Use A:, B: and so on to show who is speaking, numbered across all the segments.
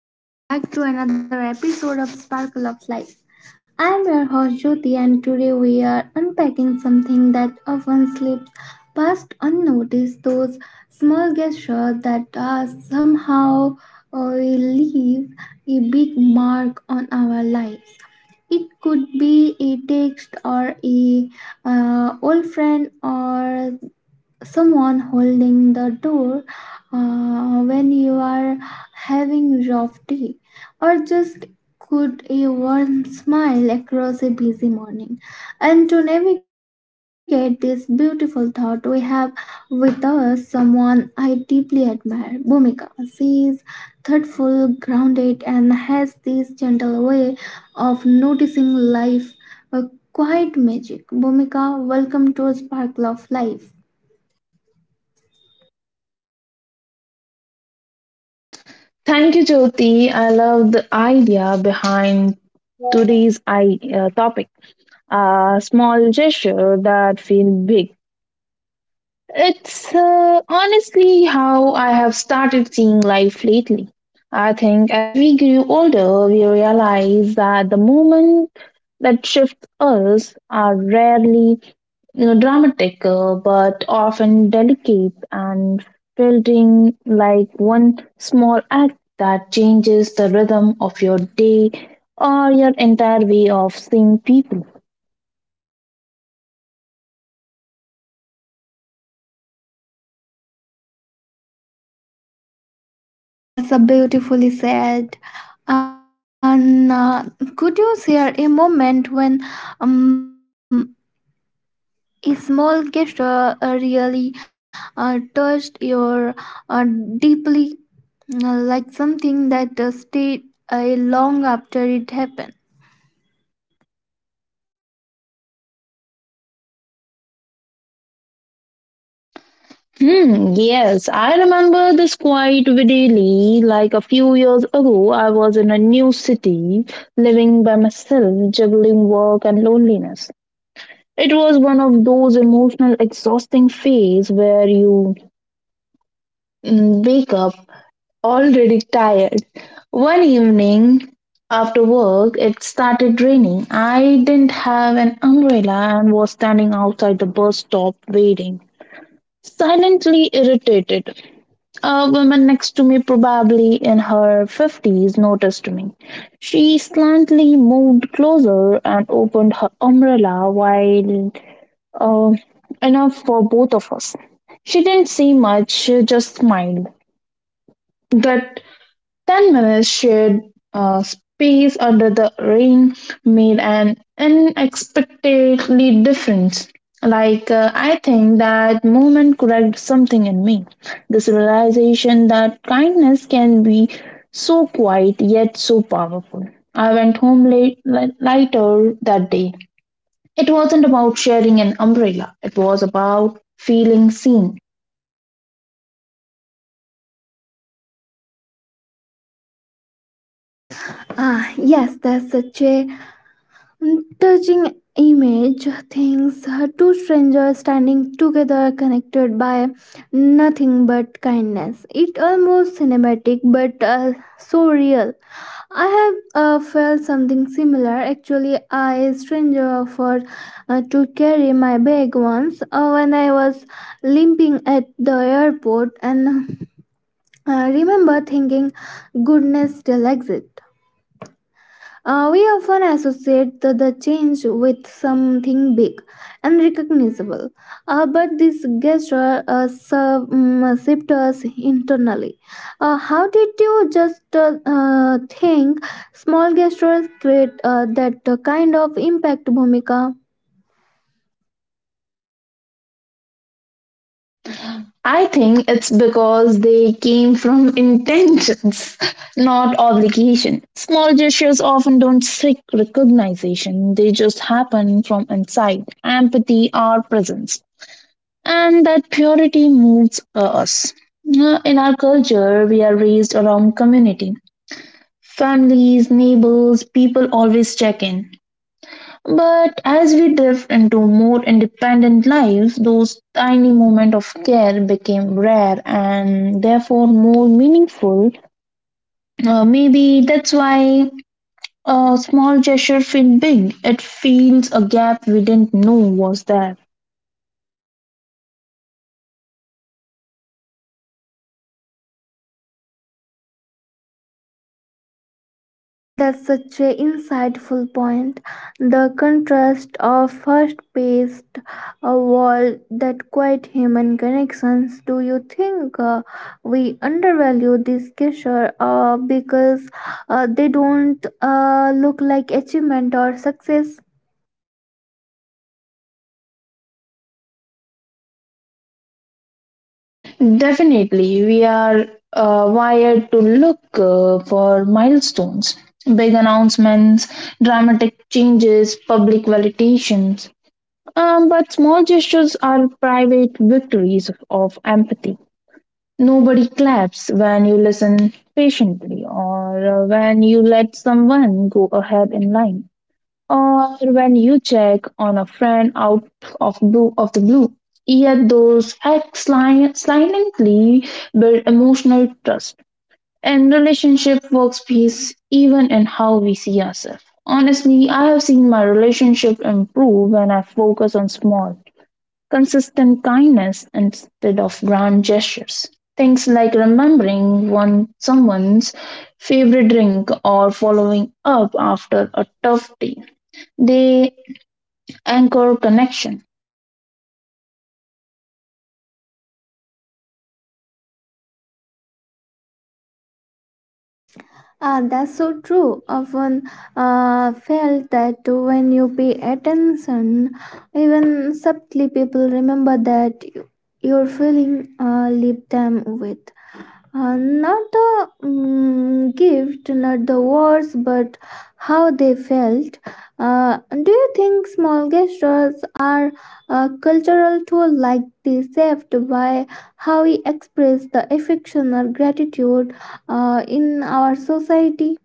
A: Hello and welcome back to another episode of Sparkle of Life. I am your host Jyoti and today we are unpacking something that often slips past unnoticed, those small gestures that somehow leave a big mark on our lives. It could be a text or a old friend, or someone holding the door when you are having rough tea, or just could a warm smile across a busy morning. And to navigate this beautiful thought, we have with us someone I deeply admire, Bhumika. She is thoughtful, grounded, and has this gentle way of noticing life, a quiet magic. Bhumika, welcome to Sparkle of Life.
B: Thank you, Jyoti. I love the idea behind today's topic. A small gesture that feel big. It's honestly how I have started seeing life lately. I think as we grew older, we realize that the moment that shift us are rarely dramatic but often delicate and feeling like one small act that changes the rhythm of your day or your entire way of seeing people.
A: Ah, that's a beautifully said. And could you share a moment when um, a small gesture really touched your uh, deeply, like something that stayed uh, long after it happened?
B: Hmm, yes, I remember this quite vividly. Like a few years ago, I was in a new city, living by myself, juggling work and loneliness. It was one of those emotional exhausting phase where you wake up already tired. One evening after work it started raining. I didn't have an umbrella and was standing outside the bus stop waiting. Silently irritated. A woman next to me, probably in her 50s, noticed me. She slantly moved closer and opened her umbrella while uh, enough for both of us. She didn't say much, just smiled. That 10 minutes shared space under the rain made an unexpectedly difference. I think that moment corrected something in me. This realization that kindness can be so quiet yet so powerful. I went home late, lighter that day. It wasn't about sharing an umbrella, it was about feeling seen.
A: Ah, yes, that's such a touching image things, two strangers standing together connected by nothing but kindness, it almost cinematic but so real. I have felt something similar actually. I stranger offered to carry my bag once when I was limping at the airport and remember thinking goodness still exists. Uh, we often associate the change with something big and recognizable. But this gesture serve, shaped us internally. How did you just think small gestures create that kind of impact, Bhumika?
B: I think it's because they came from intentions, not obligation. Small gestures often don't seek recognition, they just happen from inside empathy or presence. And that purity moves us. In our culture, we are raised around community. Families, neighbors, people always check in. But as we drift into more independent lives, those tiny moments of care became rare and therefore more meaningful. Maybe that's why a small gesture feels big. It fills a gap we didn't know was there.
A: That's such an insightful point. The contrast of first paced a wall that quite human connections. Do you think we undervalue these gesture because they don't look like achievement or success?
B: Definitely, we are wired to look for milestones, big announcements, dramatic changes, public validations. But small gestures are private victories of empathy. Nobody claps when you listen patiently, or when you let someone go ahead in line, or when you check on a friend out of the blue. Yet those acts silently build emotional trust and relationship workspace, even in how we see ourselves. Honestly, I have seen my relationship improve when I focus on small consistent kindness instead of grand gestures, things like remembering one someone's favorite drink or following up after a tough day, they anchor connection.
A: Ah, that's so true. Often felt that when you pay attention, even subtly, people remember that you, you're feeling leave them with. Not the gift, not the words, but how they felt. Do you think small gestures are a cultural tool like this, shaped by how we express the affection or gratitude in our society?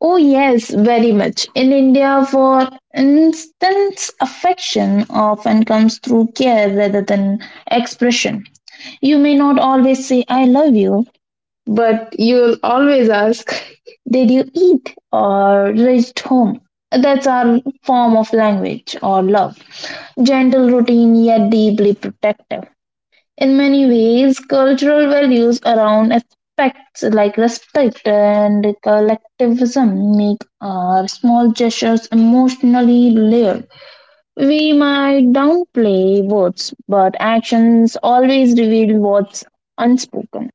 B: Oh, yes, very much. In India, for instance, affection often comes through care rather than expression. You may not always say, I love you, but you'll always ask, did you eat or reached home? That's our form of language or love. Gentle, routine, yet deeply protective. In many ways, cultural values around aspects like respect and collectivism make our small gestures emotionally layered. We might downplay words, but actions always reveal what's unspoken.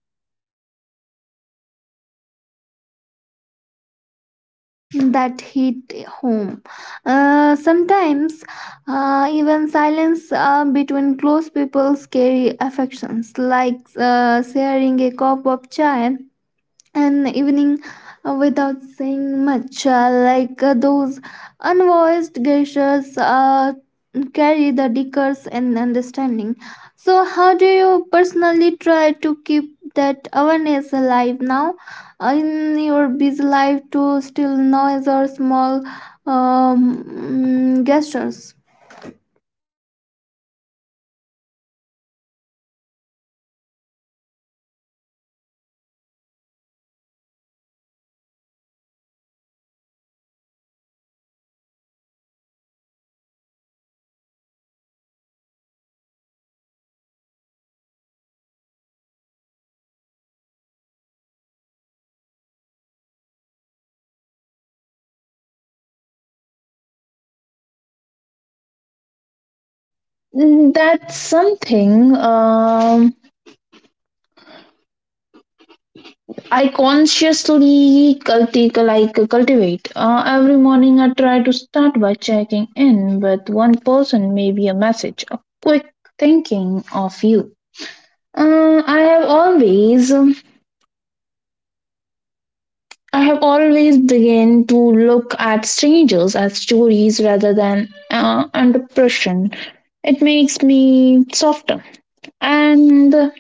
A: That hit home. Sometimes even silence between close people carry affections, like sharing a cup of chai an evening without saying much, like those unvoiced gestures carry the decors and understanding. So, how do you personally try to keep that awareness alive now in your busy life to still noise or small gestures?
B: Mm, that's something I consciously cultivate. Every morning I try to start by checking in with one person, maybe a message, a quick thinking of you. Uh, I have always, um, I have always begun to look at strangers as stories rather than under pressure. It makes me softer and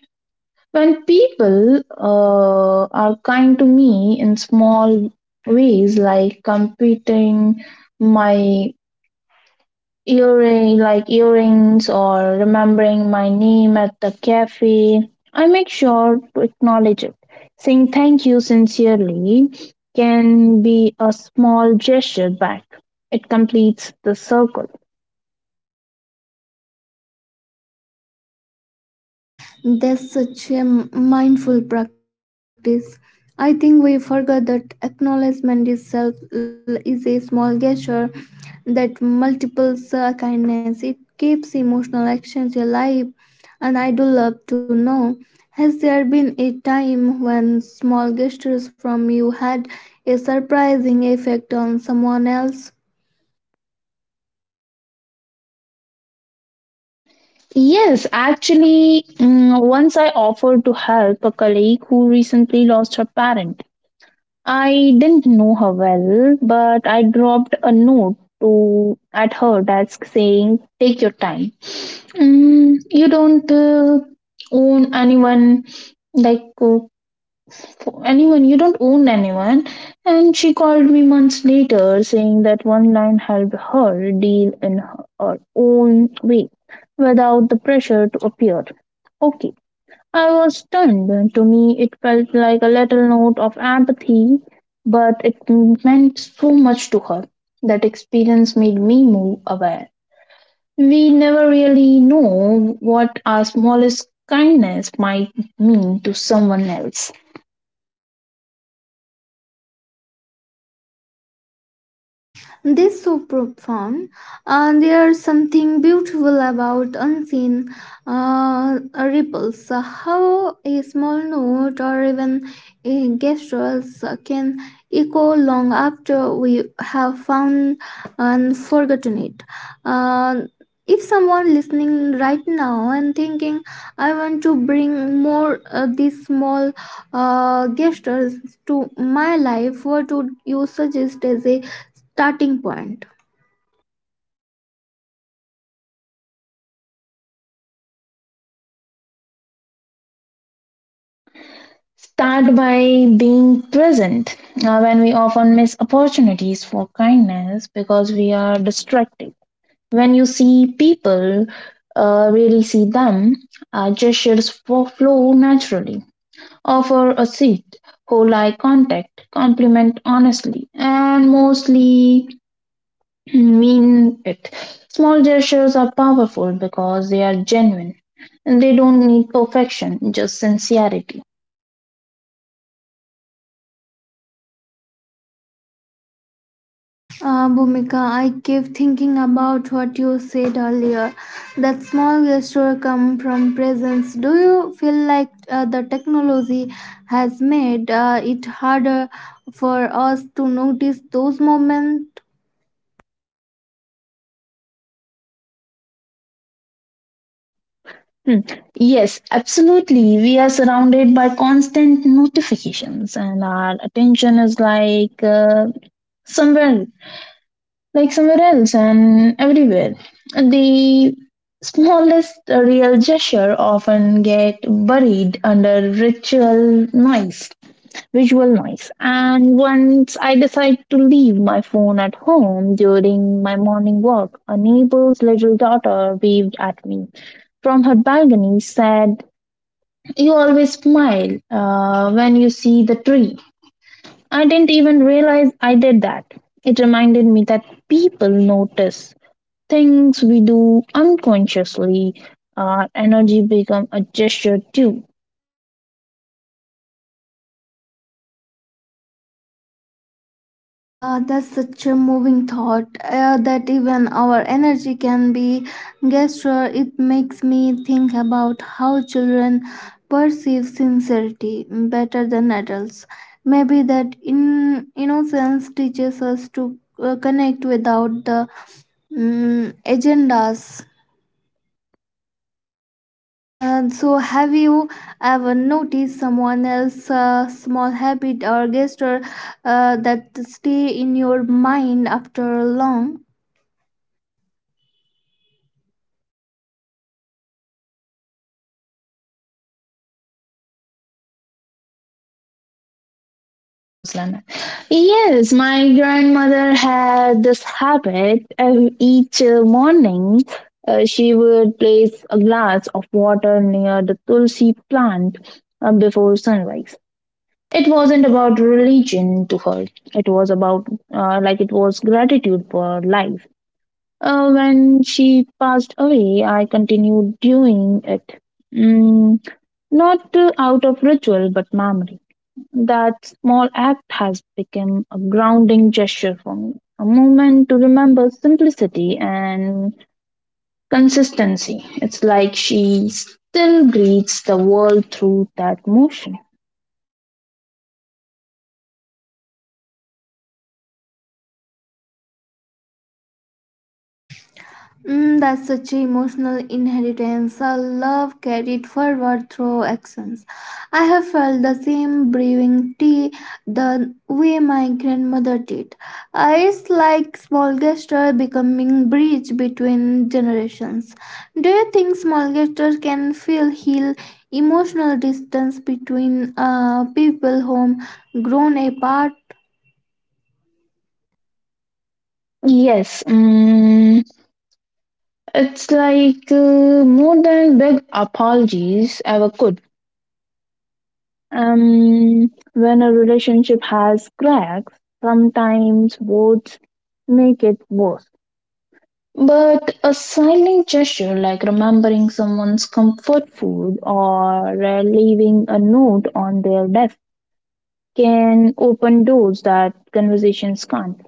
B: when people are kind to me in small ways, like completing my earrings, or remembering my name at the cafe, I make sure to acknowledge it. Saying thank you sincerely can be a small gesture back. It completes the circle.
A: That's such a mindful practice. I think we forgot that acknowledgement itself is a small gesture that multiples kindness. It keeps emotional actions alive, and I do love to know, has there been a time when small gestures from you had a surprising effect on someone else?
B: Yes, actually, mm, once I offered to help a colleague who recently lost her parent. I didn't know her well, but I dropped a note to at her desk saying, "Take your time. Mm, you don't own anyone, like for anyone. You don't own anyone." And she called me months later, saying that one line helped her deal in her own way, without the pressure to appear okay. I was stunned. To me, it felt like a little note of empathy, but it meant so much to her. That experience made me more aware. We never really know what our smallest kindness might mean to someone else.
A: This so profound. There's something beautiful about unseen ripples. How a small note or even a gesture can echo long after we have found and forgotten it. Uh, if someone listening right now and thinking, I want to bring more these small gestures to my life, what would you suggest as a starting point.
B: Start by being present when we often miss opportunities for kindness because we are distracted. When you see people, really see them, flow naturally. Offer a seat, hold eye contact, compliment honestly, and mostly mean it. Small gestures are powerful because they are genuine. They don't need perfection, just sincerity.
A: Bhumika, I keep thinking about what you said earlier. That small gesture come from presence. Do you feel like the technology has made it harder for us to notice those moments?
B: Hmm. Yes, absolutely. We are surrounded by constant notifications, and our attention is somewhere like somewhere else and everywhere. The smallest real gesture often get buried under ritual noise, visual noise. And once I decide to leave my phone at home during my morning walk, a neighbor's little daughter waved at me from her balcony said, you always smile when you see the tree. I didn't even realize I did that. It reminded me that people notice things we do unconsciously, our energy become a gesture too.
A: That's such a moving thought that even our energy can be gesture. It makes me think about how children perceive sincerity better than adults. Maybe that in innocence teaches us to connect without the agendas. So, have you ever noticed someone else's small habit or gesture that stay in your mind after long?
B: ना कुछ लाना. Yes, my grandmother had this habit. Each morning, she would place a glass of water near the tulsi plant before sunrise. It wasn't about religion to her. It was about, it was gratitude for life. When she passed away, I continued doing it. Mm, not out of ritual, but memory. That small act has become a grounding gesture for me, a moment to remember simplicity and consistency. It's like she still greets the world through that motion.
A: Mm, that's such an emotional inheritance, a love carried forward through actions. I have felt the same brewing tea the way my grandmother did. It's like small gesture becoming bridge between generations. Do you think small gestures can feel heal emotional distance between people whom grown apart?
B: Yes, mm, it's more than big apologies ever could. When a relationship has cracks, sometimes words make it worse. But a silent gesture like remembering someone's comfort food or leaving a note on their desk can open doors that conversations can't.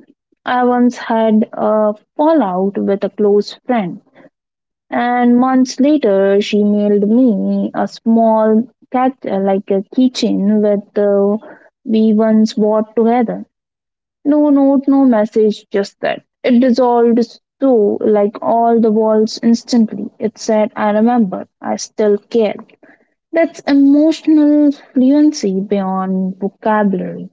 B: I once had a fallout with a close friend and months later, she mailed me a small cat, a keychain, with the we once bought together. No note, no message, just that. It dissolved all the walls instantly. It said, I remember, I still care. That's emotional fluency beyond vocabulary.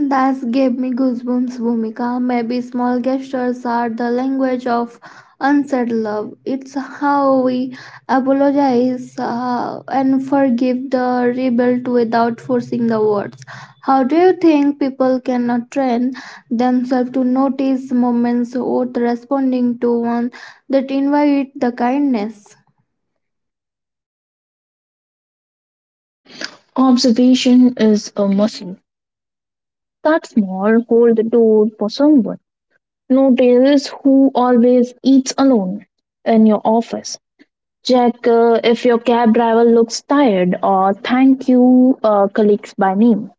A: That's gave me goosebumps, Bhumika. Maybe small gestures are the language of unsaid love. It's how we apologize and forgive the rebuild without forcing the words. How do you think people can train themselves to notice moments worth responding to, one that invite the kindness?
B: Observation is a muscle. That small, hold the door for someone. Notice who always eats alone in your office. Check if your cab driver looks tired or thank you colleagues by name.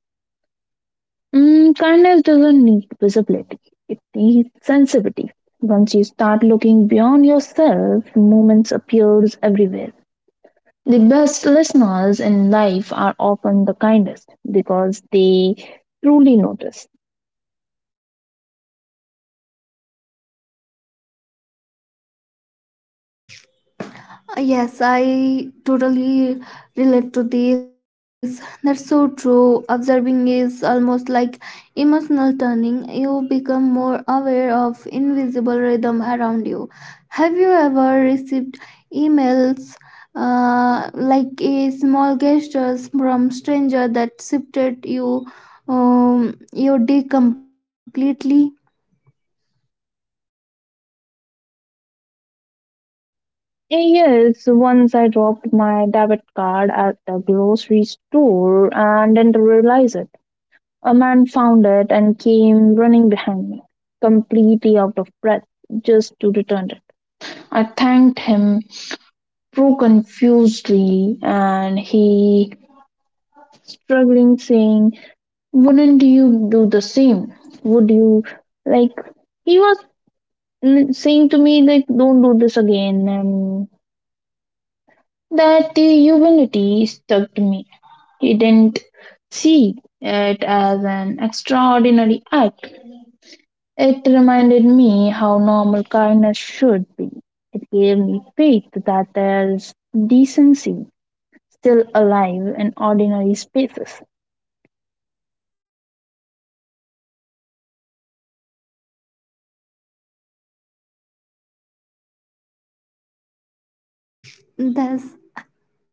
B: Mm, kindness doesn't need visibility, it needs sensitivity. Once you start looking beyond yourself, moments appears everywhere. The best listeners in life are often the kindest because they truly notice.
A: Yes, I totally relate to this. That's so true. Observing is almost like emotional turning. You become more aware of invisible rhythm around you. Have you ever received emails like a small gestures from stranger that shifted you your day completely?
B: Yes, once I dropped my debit card at the grocery store and didn't realize it. A man found it and came running behind me, completely out of breath, just to return it. I thanked him so confusedly, and he struggling, saying, wouldn't you do the same? Would you like? He was mm, saying to me, like, don't do this again, and that humility stuck to me. Didn't see it as an extraordinary act. It reminded me how normal kindness should be. It gave me faith that there's decency still alive in ordinary spaces.
A: That's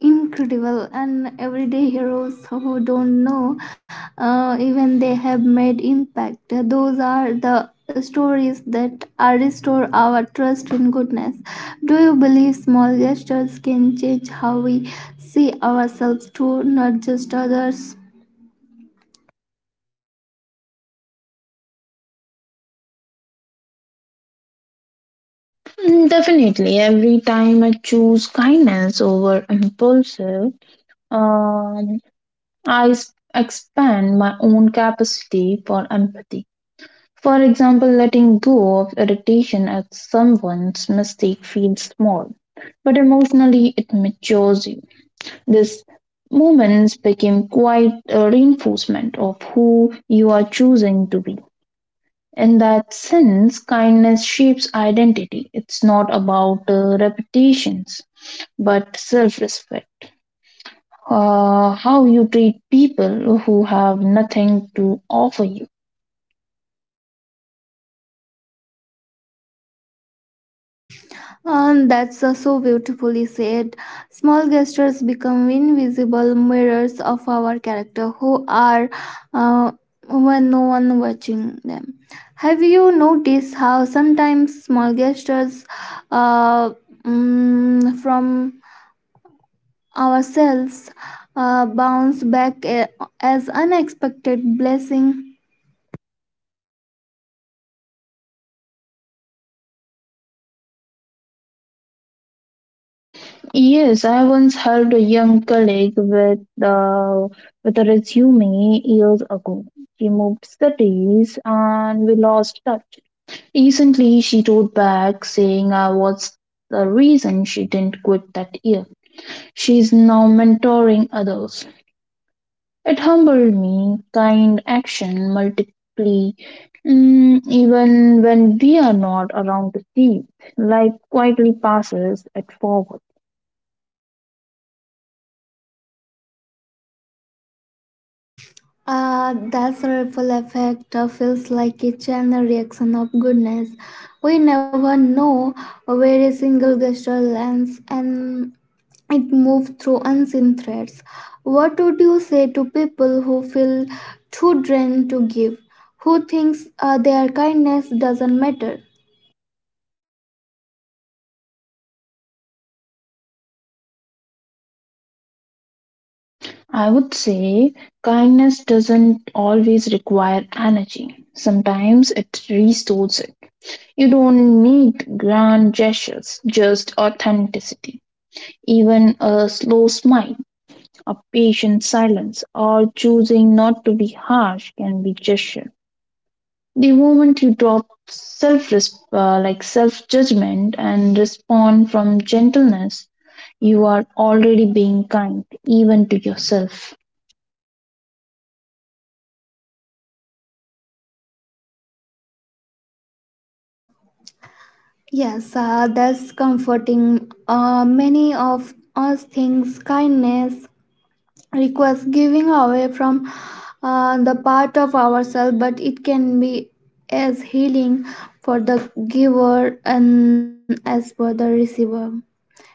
A: incredible, and everyday heroes who don't know even they have made impact, those are the stories that restore our trust in goodness. Do you believe small gestures can change how we see ourselves too, not just others?
B: Mm, definitely, every time I choose kindness over impulsive, um, expand my own capacity for empathy. For example, letting go of irritation at someone's mistake feels small, but emotionally it matures you. These moments became quite a reinforcement of who you are choosing to be. In that sense, kindness shapes identity. It's not about reputations, but self respect. How you treat people who have nothing to offer you.
A: And that's so beautifully said. Small gestures become invisible mirrors of our character, who are uh, when no one watching them. Have you noticed how sometimes small gestures uh, from ourselves bounce back as unexpected blessing?
B: Yes, I once helped a young colleague uh, with a resume years ago. She moved cities and we lost touch. Recently, she wrote back saying I was the reason she didn't quit that year. She's now mentoring others. It humbled me. Kind action multiply, mm, even when we are not around to see. Life quietly passes it forward.
A: Ah, that's a ripple effect. Uh, feels like a channel reaction of goodness. We never know where a single gesture lands, and it moves through unseen threads. What would you say to people who feel too drained to give, who thinks their kindness doesn't matter?
B: I would say kindness doesn't always require energy. Sometimes it restores it. You don't need grand gestures, just authenticity. Even a slow smile, a patient silence, or choosing not to be harsh can be gesture. The moment you drop self judgment and respond from gentleness, you are already being kind, even to yourself.
A: Yes, that's comforting. Many of us thinks kindness requires giving away from the part of ourselves, but it can be as healing for the giver and as for the receiver.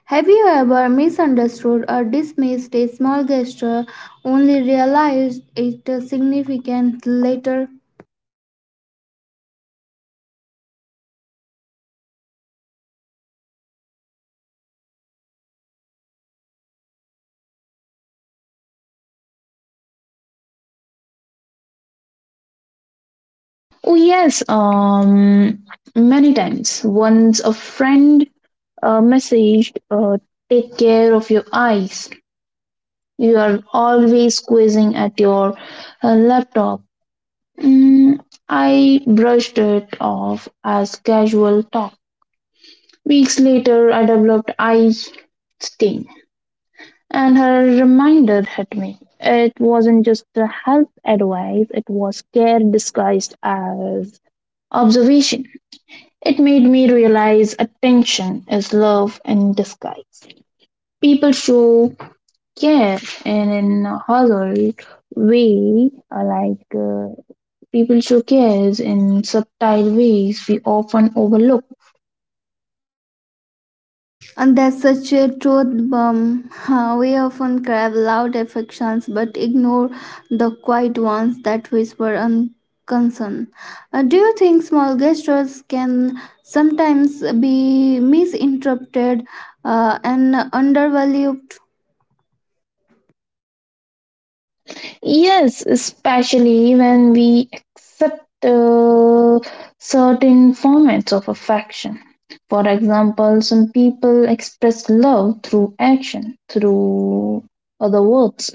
A: Have you ever misunderstood or dismissed a small gesture, only realized it significant later?
B: Oh yes, many times. Once a friend messaged, "Take care of your eyes. You are always squeezing at your laptop." Mm, I brushed it off as casual talk. Weeks later, I developed eye stain, and her reminder hit me. It wasn't just a health advice; it was care disguised as observation. It made me realize attention is love in disguise. People show care in a hollow way, uh, like uh, people show cares in subtle ways we often overlook.
A: And that's such a truth bomb. Huh, we often crave loud affections but ignore the quiet ones that whisper unconcern. Do you think small gestures can sometimes be misinterpreted and undervalued?
B: Yes, especially when we accept certain formats of affection. For example, some people express love through action, through other words.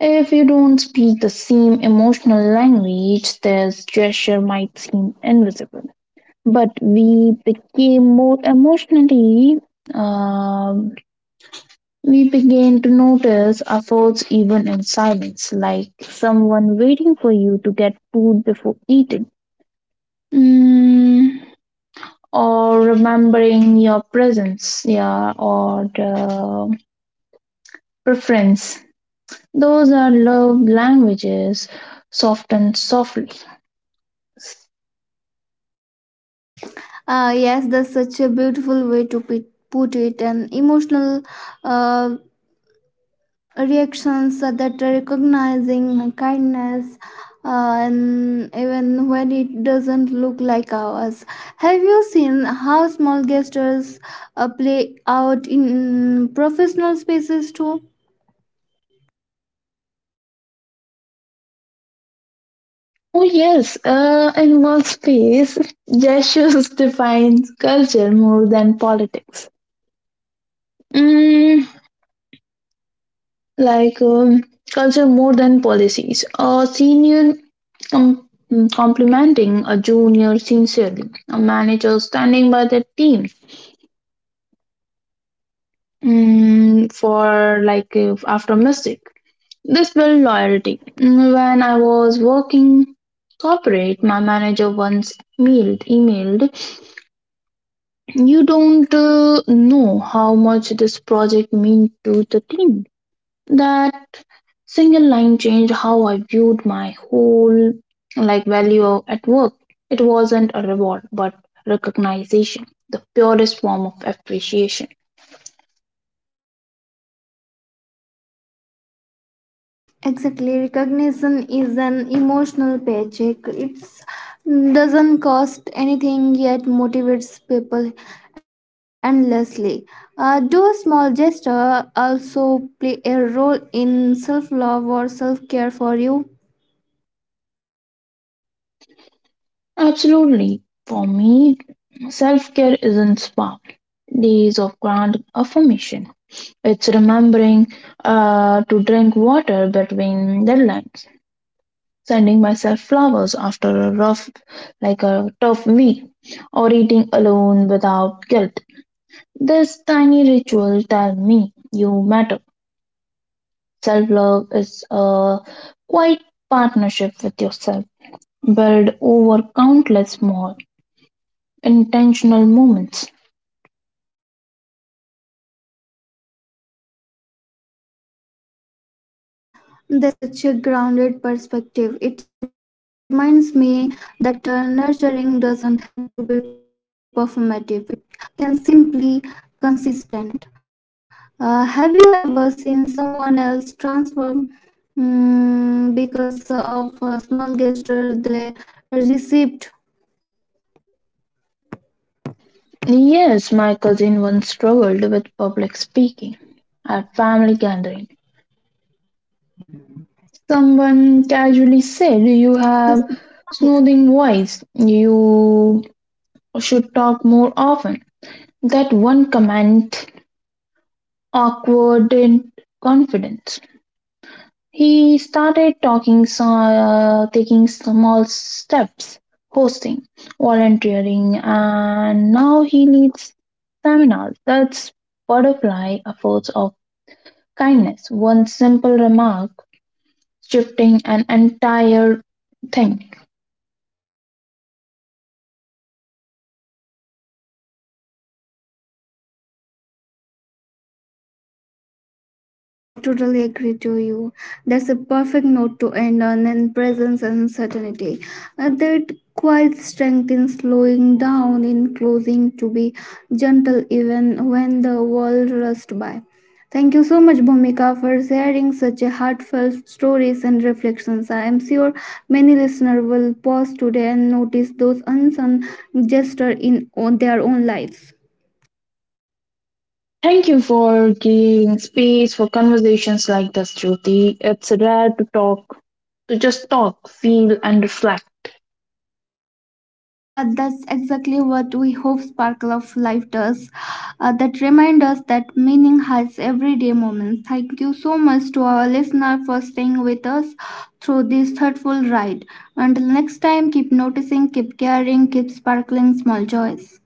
B: If you don't speak the same emotional language, this gesture might seem invisible. But we became more emotionally, um, we began to notice efforts even in silence, like someone waiting for you to get food before eating. Mm, or remembering your presence, yeah, or the preference. Those are love languages softened softly.
A: Yes, that's such a beautiful way to put it. An emotional uh, reactions that recognizing kindness and even when it doesn't look like ours. Have you seen how small gestures play out in professional spaces too?
B: Oh yes, in one space, gestures defines culture more than politics. Mm, like um, culture more than policies. A senior com- complimenting a junior sincerely. A manager standing by their team mm, for like after mistake. This built loyalty. Mm, when I was working corporate, my manager once mailed emailed, you don't know how much this project meant to the team. That single line changed how I viewed my whole value at work. It wasn't a reward, but recognition, the purest form of appreciation.
A: Exactly, recognition is an emotional paycheck. It doesn't cost anything yet motivates people endlessly. Do a small gesture also play a role in self love or self care for you?
B: Absolutely, for me, self care isn't spa days of grand affirmation. It's remembering to drink water between deadlines, sending myself flowers after a rough, like a tough week, or eating alone without guilt. This tiny ritual tell me you matter. Self love is a quiet partnership with yourself, built over countless small, intentional moments.
A: That's such a grounded perspective. It reminds me that nurturing doesn't have to be performative, it can simply consistent. Have you ever seen someone else transform because of a small gesture they received?
B: Yes, my cousin once struggled with public speaking at family gathering. Someone casually said, "You
A: The,
B: have
A: yes.
B: soothing voice. You should talk more often. That one comment awkwarded confidence. He started talking, taking small steps, hosting, volunteering, and now he leads seminars. That's butterfly a force of kindness. One simple remark shifting an entire thing.
A: Ah, yes, I totally agree to you. That's a perfect note to end on, in presence and uncertainty. That quiet strength in slowing down, in closing to be gentle even when the world rushed by. Thank you so much, Bhumika, for sharing such a heartfelt stories and reflections. I am sure many listeners will pause today and notice those unsung gestures in on their own lives.
B: Thank you for giving space for conversations like this, Jyoti. It's rare to talk, to just talk, feel, and reflect.
A: That's exactly what we hope Sparkle of Life does. That reminds us that meaning has everyday moments. Thank you so much to our listener for staying with us through this thoughtful ride. Until next time, keep noticing, keep caring, keep sparkling small joys.